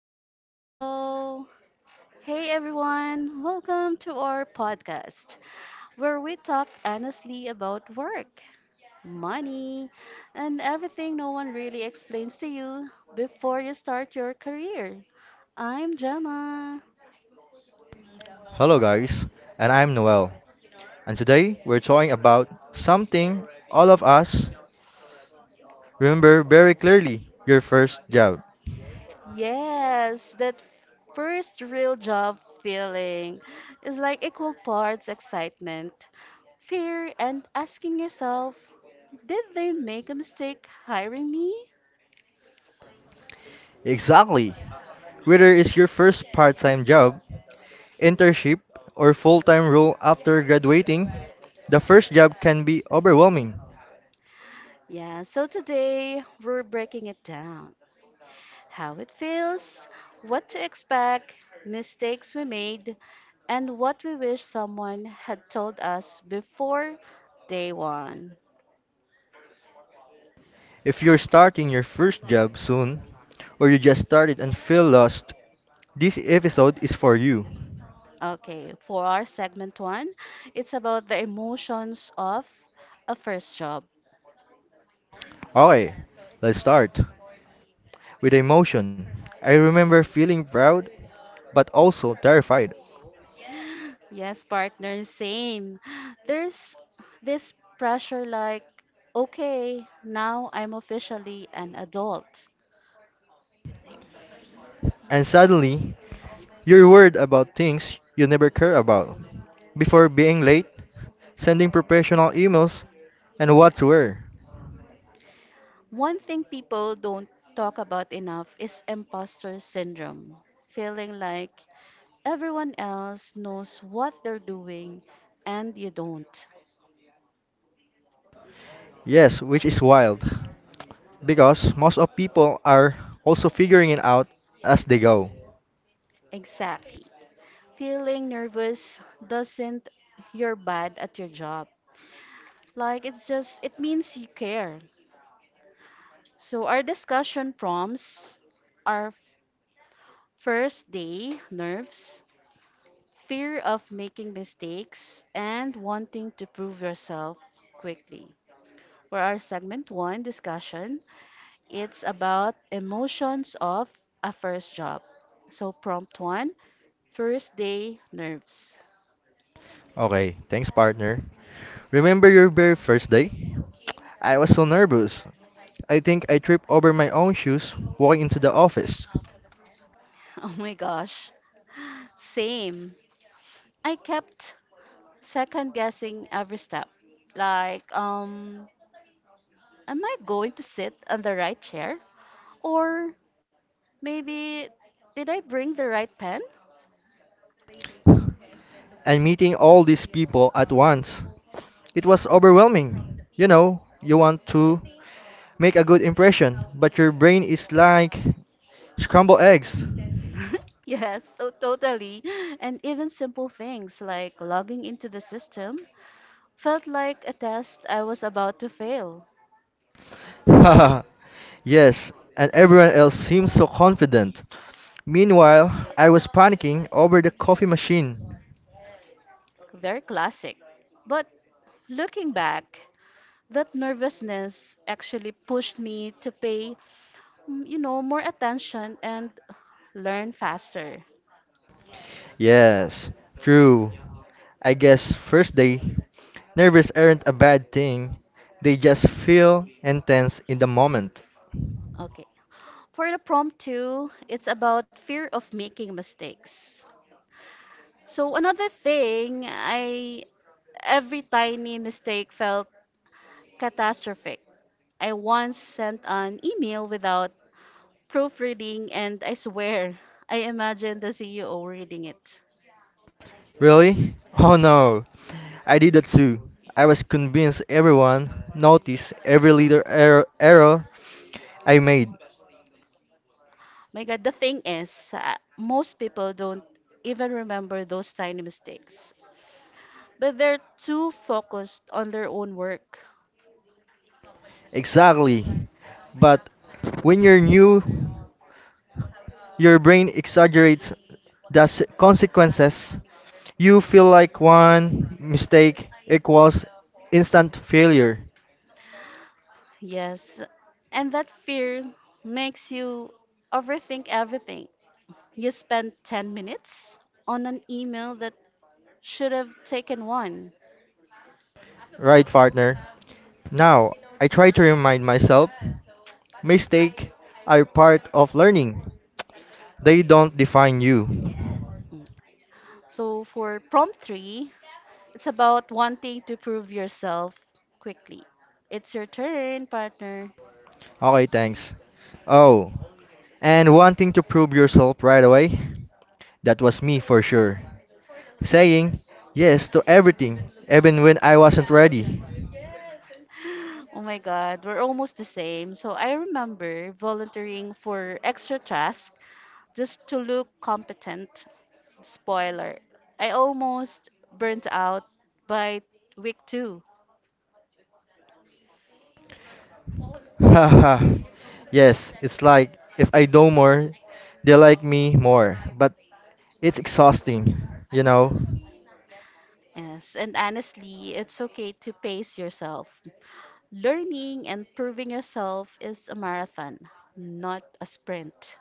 hello, hello. Hey everyone, welcome to our podcast where we talk honestly about work, money, and everything no one really explains to you before you start your career. I'm Jama. Hello, guys, and I'm Noel. And today we're talking about something all of us remember very clearly, your first job. Yes, that first real job feeling is like equal parts excitement, fear, and asking yourself, did they make a mistake hiring me? Exactly. Whether it's your first part time job, internship, or full time role after graduating, the first job can be overwhelming. Yeah, so today we're breaking it down how it feels, what to expect, mistakes we made, and what we wish someone had told us before day one. If you're starting your first job soon, or you just started and feel lost, this episode is for you. Okay, for our segment one, it's about the emotions of a first job. Okay, let's start with emotion. I remember feeling proud but also terrified. Yes, partner, same. There's this pressure like, okay, now I'm officially an adult. And suddenly, you're worried about things you never care about before. Being late, sending professional emails, and what to wear. One thing people don't talk about enough is imposter syndrome, feeling like everyone else knows what they're doing and you don't. Yes, which is wild. Because most of people are also figuring it out as they go. Exactly. Feeling nervous doesn't you're bad at your job. Like it's just it means you care. So our discussion prompts are first day nerves, fear of making mistakes and wanting to prove yourself quickly. For our segment one discussion, it's about emotions of a first job. So, prompt one, first day nerves. Okay, thanks partner. Remember your very first day? I was so nervous. I think I tripped over my own shoes walking into the office Oh my gosh. Same. I kept second guessing every step. Like, am I going to sit on the right chair? Or maybe, did I bring the right pen? and meeting all these people at once. It was overwhelming. You know, you want to make a good impression, but your brain is like scrambled eggs. yes, so totally. And even simple things like logging into the system felt like a test I was about to fail. Haha, yes, and everyone else seemed so confident. Meanwhile, I was panicking over the coffee machine. Very classic. But looking back, that nervousness actually pushed me to pay, more attention and learn faster. Yes, true. I guess first day, nervous aren't a bad thing. They just feel intense in the moment. Okay. For the prompt two, it's about fear of making mistakes. So another thing, I every tiny mistake felt catastrophic. I once sent an email without proofreading, and I swear, I imagine the CEO reading it. Really? Oh no. I did that too. I was convinced everyone noticed every little error I made. My God, the thing is, most people don't even remember those tiny mistakes, but they're too focused on their own work. Exactly. But when you're new, your brain exaggerates the consequences. You feel like one mistake equals instant failure. Yes, and that fear makes you overthink everything. You spend 10 minutes on an email that should have taken one. Right, partner? Now, I try to remind myself mistakes are part of learning. They don't define you. Mm. So for prompt three, it's about wanting to prove yourself quickly. It's your turn, partner. Okay, thanks. Oh, and wanting to prove yourself right away. That was me for sure. Saying yes to everything, even when I wasn't ready. Oh my God, we're almost the same. So I remember volunteering for extra tasks just to look competent. Spoiler, I almost burnt out by week two. Haha, yes, it's like if I do more, they like me more. But it's exhausting, you know? Yes, and honestly, it's okay to pace yourself. Learning and proving yourself is a marathon, not a sprint.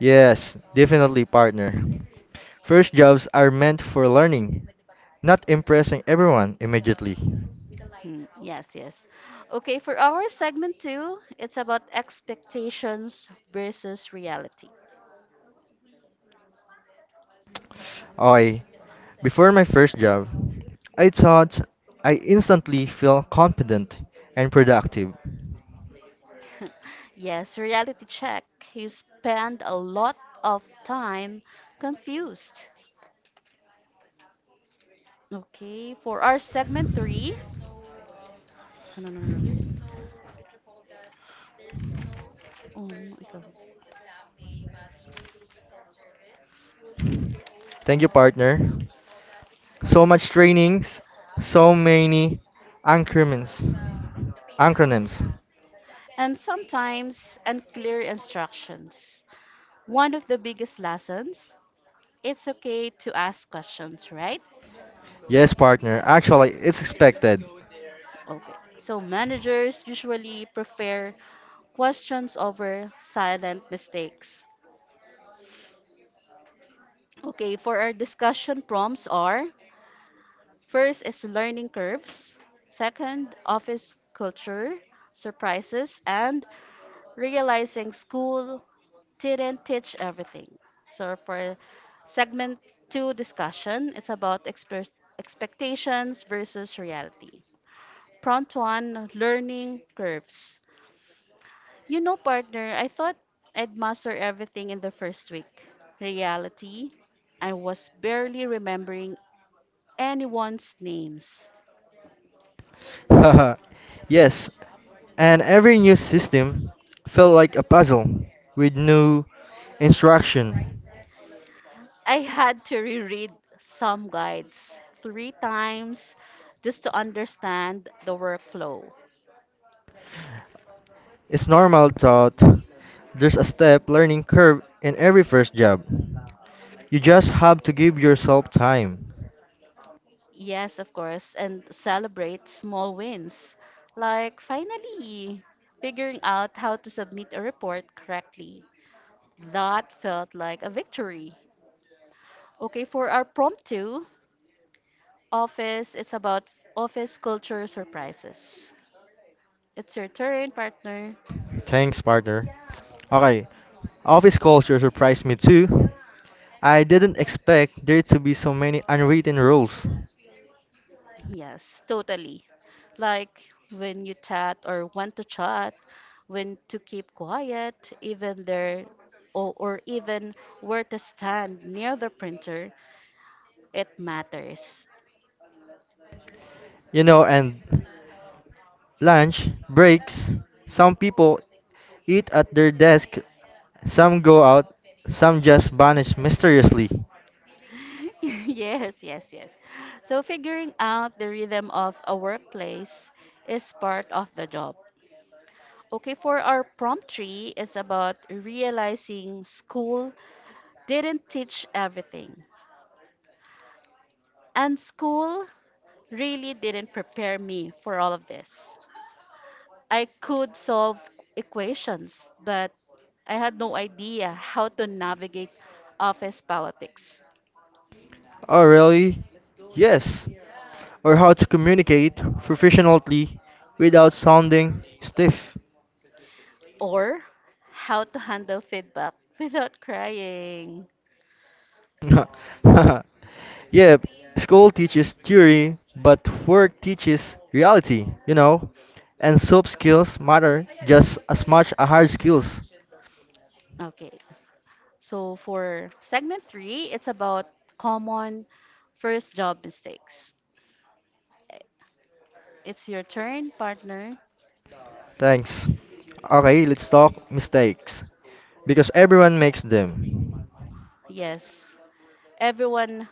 Yes, definitely, partner. First jobs are meant for learning, not impressing everyone immediately. Hmm, yes, yes. Okay, for our segment two, it's about expectations versus reality. Okay, before my first job, I thought I instantly feel confident and productive. Yes, reality check. You spend a lot of time confused. Okay, for our segment three. Oh, no, no, no, no. Oh, no, ikaw. Thank you, partner. So much trainings, so many acronyms. acronyms. And sometimes unclear instructions. One of the biggest lessons, it's okay to ask questions, right? Yes, partner. Actually, it's expected. Okay. So managers usually prefer questions over silent mistakes. Okay, for our discussion prompts are first is learning curves, second, office culture, surprises, and realizing school didn't teach everything. So for segment two discussion, it's about expectations versus reality. Prompt one, learning curves. You know, partner, I thought I'd master everything in the first week. Reality, I was barely remembering anyone's names. Yes, and every new system felt like a puzzle with new instruction. I had to reread some guides three times just to understand the workflow. It's normal thought. There's a step learning curve in every first job. You just have to give yourself time. Yes, of course, and celebrate small wins, like finally figuring out how to submit a report correctly. That felt like a victory. Okay, for our prompt two, it's about office culture surprises. It's your turn, partner. Thanks, partner. Okay, office culture surprised me too. I didn't expect there to be so many unwritten rules. Yes, totally. Like when you chat or want to chat, when to keep quiet, even there, or even where to stand near the printer, it matters. You know, and lunch, breaks, some people eat at their desk, some go out, some just vanish mysteriously. yes, yes, yes. So figuring out the rhythm of a workplace is part of the job. Okay, for our prompt three is about realizing school didn't teach everything. And school really didn't prepare me for all of this. I could solve equations, but I had no idea how to navigate office politics Oh, really? Yes. Or how to communicate professionally without sounding stiff. or how to handle feedback without crying. Yeah, school teaches theory, but work teaches reality, you know? And soft skills matter just as much as hard skills. Okay, so for segment three, it's about common first job mistakes. It's your turn, partner. Thanks. Okay, let's talk mistakes. Because everyone makes them. Yes. Everyone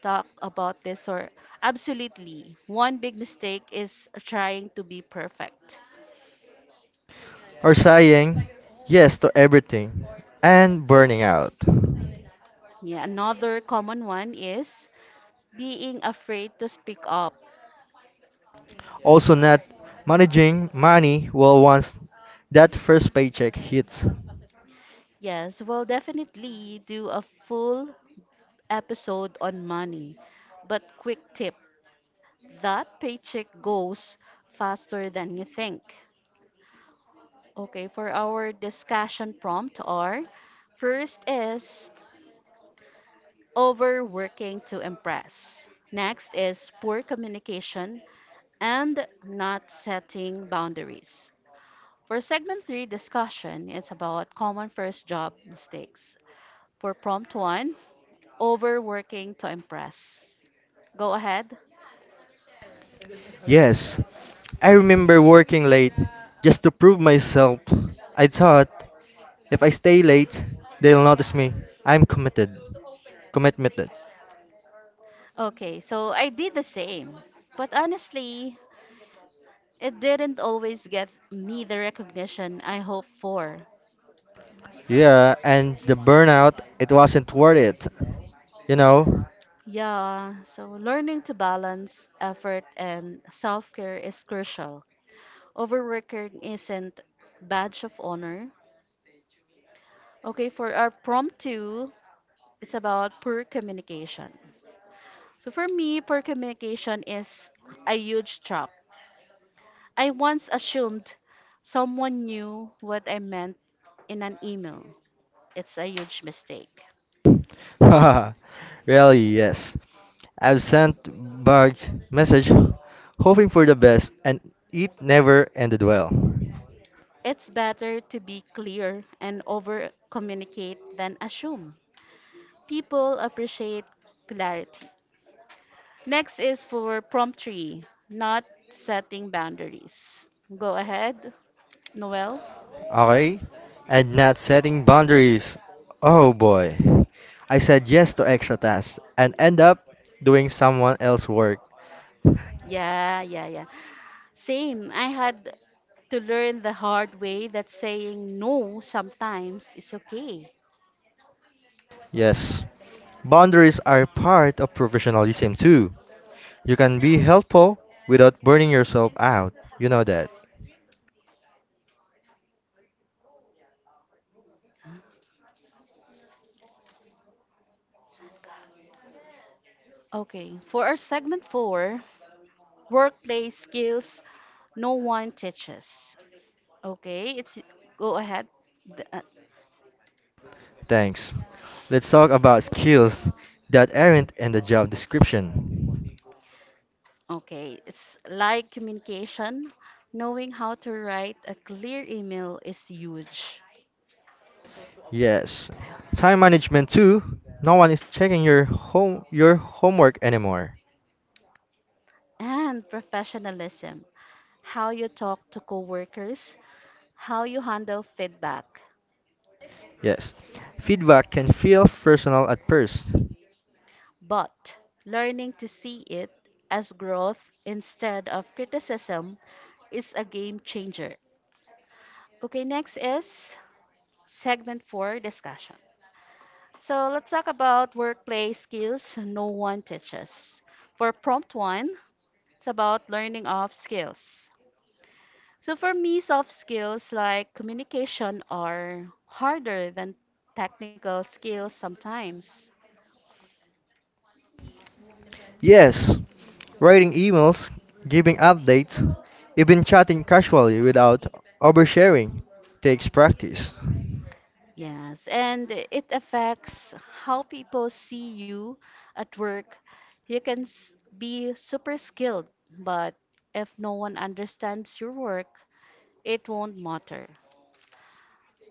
talk about this or absolutely. One big mistake is trying to be perfect. Or saying yes to everything and burning out. Yeah, another common one is being afraid to speak up. Also, not managing money well once that first paycheck hits. Yes, we'll definitely do a full episode on money. But quick tip, that paycheck goes faster than you think. Okay, for our discussion prompt are first is overworking to impress. Next is poor communication and not setting boundaries. For segment three discussion, it's about common first job mistakes. For prompt one, overworking to impress. Go ahead. Yes, I remember working late just to prove myself. I thought if I stay late, they'll notice me. I'm committed. Okay, so I did the same, but honestly, it didn't always get me the recognition I hoped for. Yeah, and the burnout, it wasn't worth it. You know? Yeah, so learning to balance effort and self care is crucial. Overworking isn't badge of honor. Okay, for our prompt two, it's about poor communication. So for me, poor communication is a huge trap. I once assumed someone knew what I meant in an email. It's a huge mistake. Haha, really, yes. I've sent bugged message hoping for the best and it never ended well. It's better to be clear and over communicate than assume. People appreciate clarity. Next is for prompt three, not setting boundaries. Go ahead, Noel. Okay? And not setting boundaries. Oh boy. I said yes to extra tasks and end up doing someone else's work. Yeah, yeah, yeah. Same. I had to learn the hard way that saying no sometimes is okay. Yes. Boundaries are part of professionalism too. You can be helpful without burning yourself out. You know that. Okay, for our segment four, workplace skills no one teaches. Okay, it's go ahead. The- uh, Thanks. Let's talk about skills that aren't in the job description. Okay, it's like communication. Knowing how to write a clear email is huge. Yes. Time management too. No one is checking your home your homework anymore. And professionalism, how you talk to coworkers, how you handle feedback, Yes. Feedback can feel personal at first. but learning to see it as growth instead of criticism is a game changer. Okay, next is segment 4 discussion. So let's talk about workplace skills no one teaches. For prompt 1, it's about learning of skills. So for me, soft skills like communication are harder than technical skills sometimes. Yes. Writing emails, giving updates, even chatting casually without oversharing takes practice. Yes, and it affects how people see you at work. You can be super skilled, but if no one understands your work, it won't matter.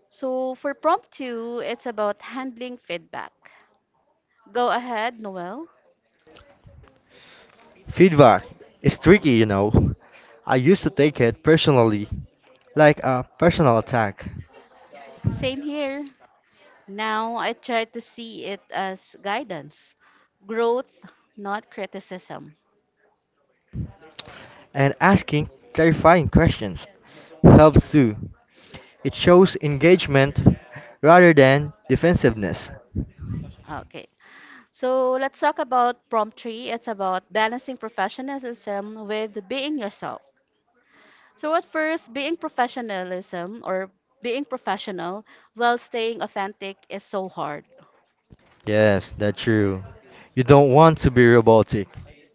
So for prompt two, it's about handling feedback. Go ahead, Noel. Feedback is tricky, you know. I used to take it personally, like a personal attack, Same here. Now I try to see it as guidance, growth, not criticism. and asking clarifying questions helps too. It shows engagement rather than defensiveness. Okay. So let's talk about prompt three. It's about balancing professionalism with being yourself. So at first, being professional while staying authentic is so hard. Yes, that's true. You don't want to be robotic,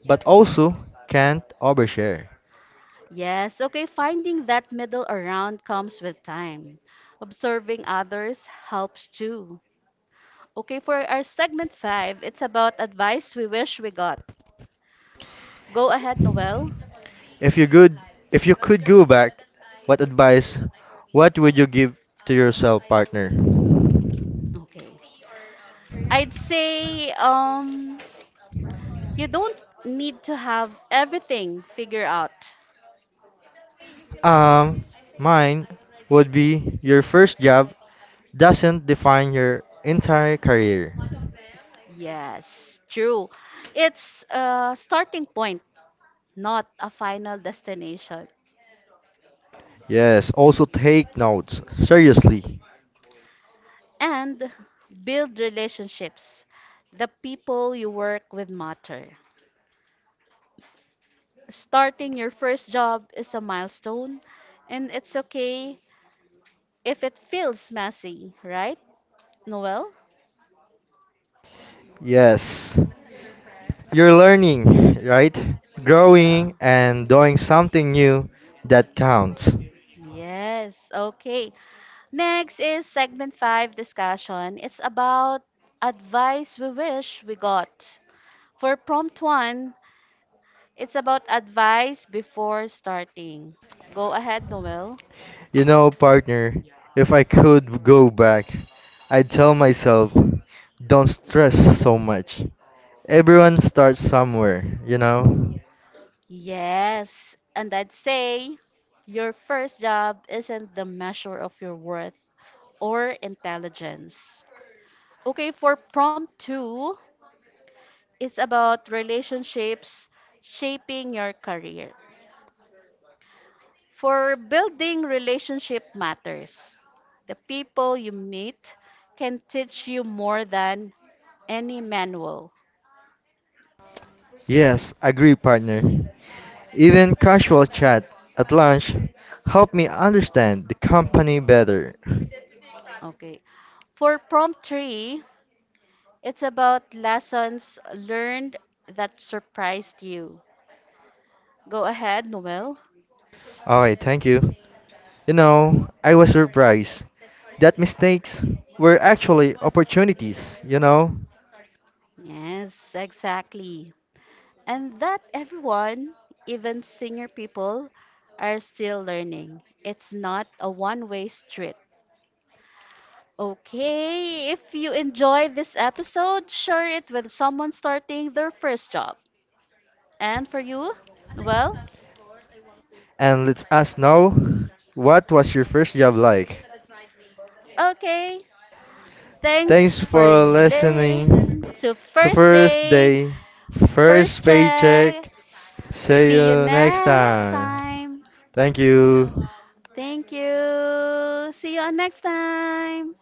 but also can't overshare. Yes, okay, finding that middle around comes with time. Observing others helps too. Okay, for our segment five, it's about advice we wish we got. Go ahead, Noel. If you could, if you could go back, what advice, what would you give to yourself, partner? Okay. I'd say you don't need to have everything figured out. Um, Mine would be your first job doesn't define your entire career. Yes, true. It's a starting point, not a final destination. Yes, also take notes seriously. And build relationships. The people you work with matter. Starting your first job is a milestone, and it's okay if it feels messy, right, Noel? Yes, you're learning, right? Yeah. Growing and doing something new, that counts. Yes, okay. Next is segment five discussion. It's about advice we wish we got. For prompt one, it's about advice before starting. Go ahead, Noel. You know, partner, if I could go back, I'd tell myself, don't stress so much. Everyone starts somewhere, you know? Yes, and I'd say your first job isn't the measure of your worth or intelligence. Okay, for prompt two, it's about relationships shaping your career. For building relationship matters. The people you meet can teach you more than any manual. Yes, agree, partner. Even casual chat at lunch helped me understand the company better. Okay. For prompt three, it's about lessons learned that surprised you. Go ahead, Noel. Alright, thank you. You know, I was surprised that mistakes were actually opportunities, you know? Yes, exactly. And that everyone, even senior people, are still learning. It's not a one way street. Okay, if you enjoy this episode, share it with someone starting their first job. And for you, well, And let's ask now, what was your first job like? okay. Thanks Thanks for for listening listening. to The First first Day, day, first First Check. paycheck. See See you you next next time. time. Thank you. Thank you. See you on next time.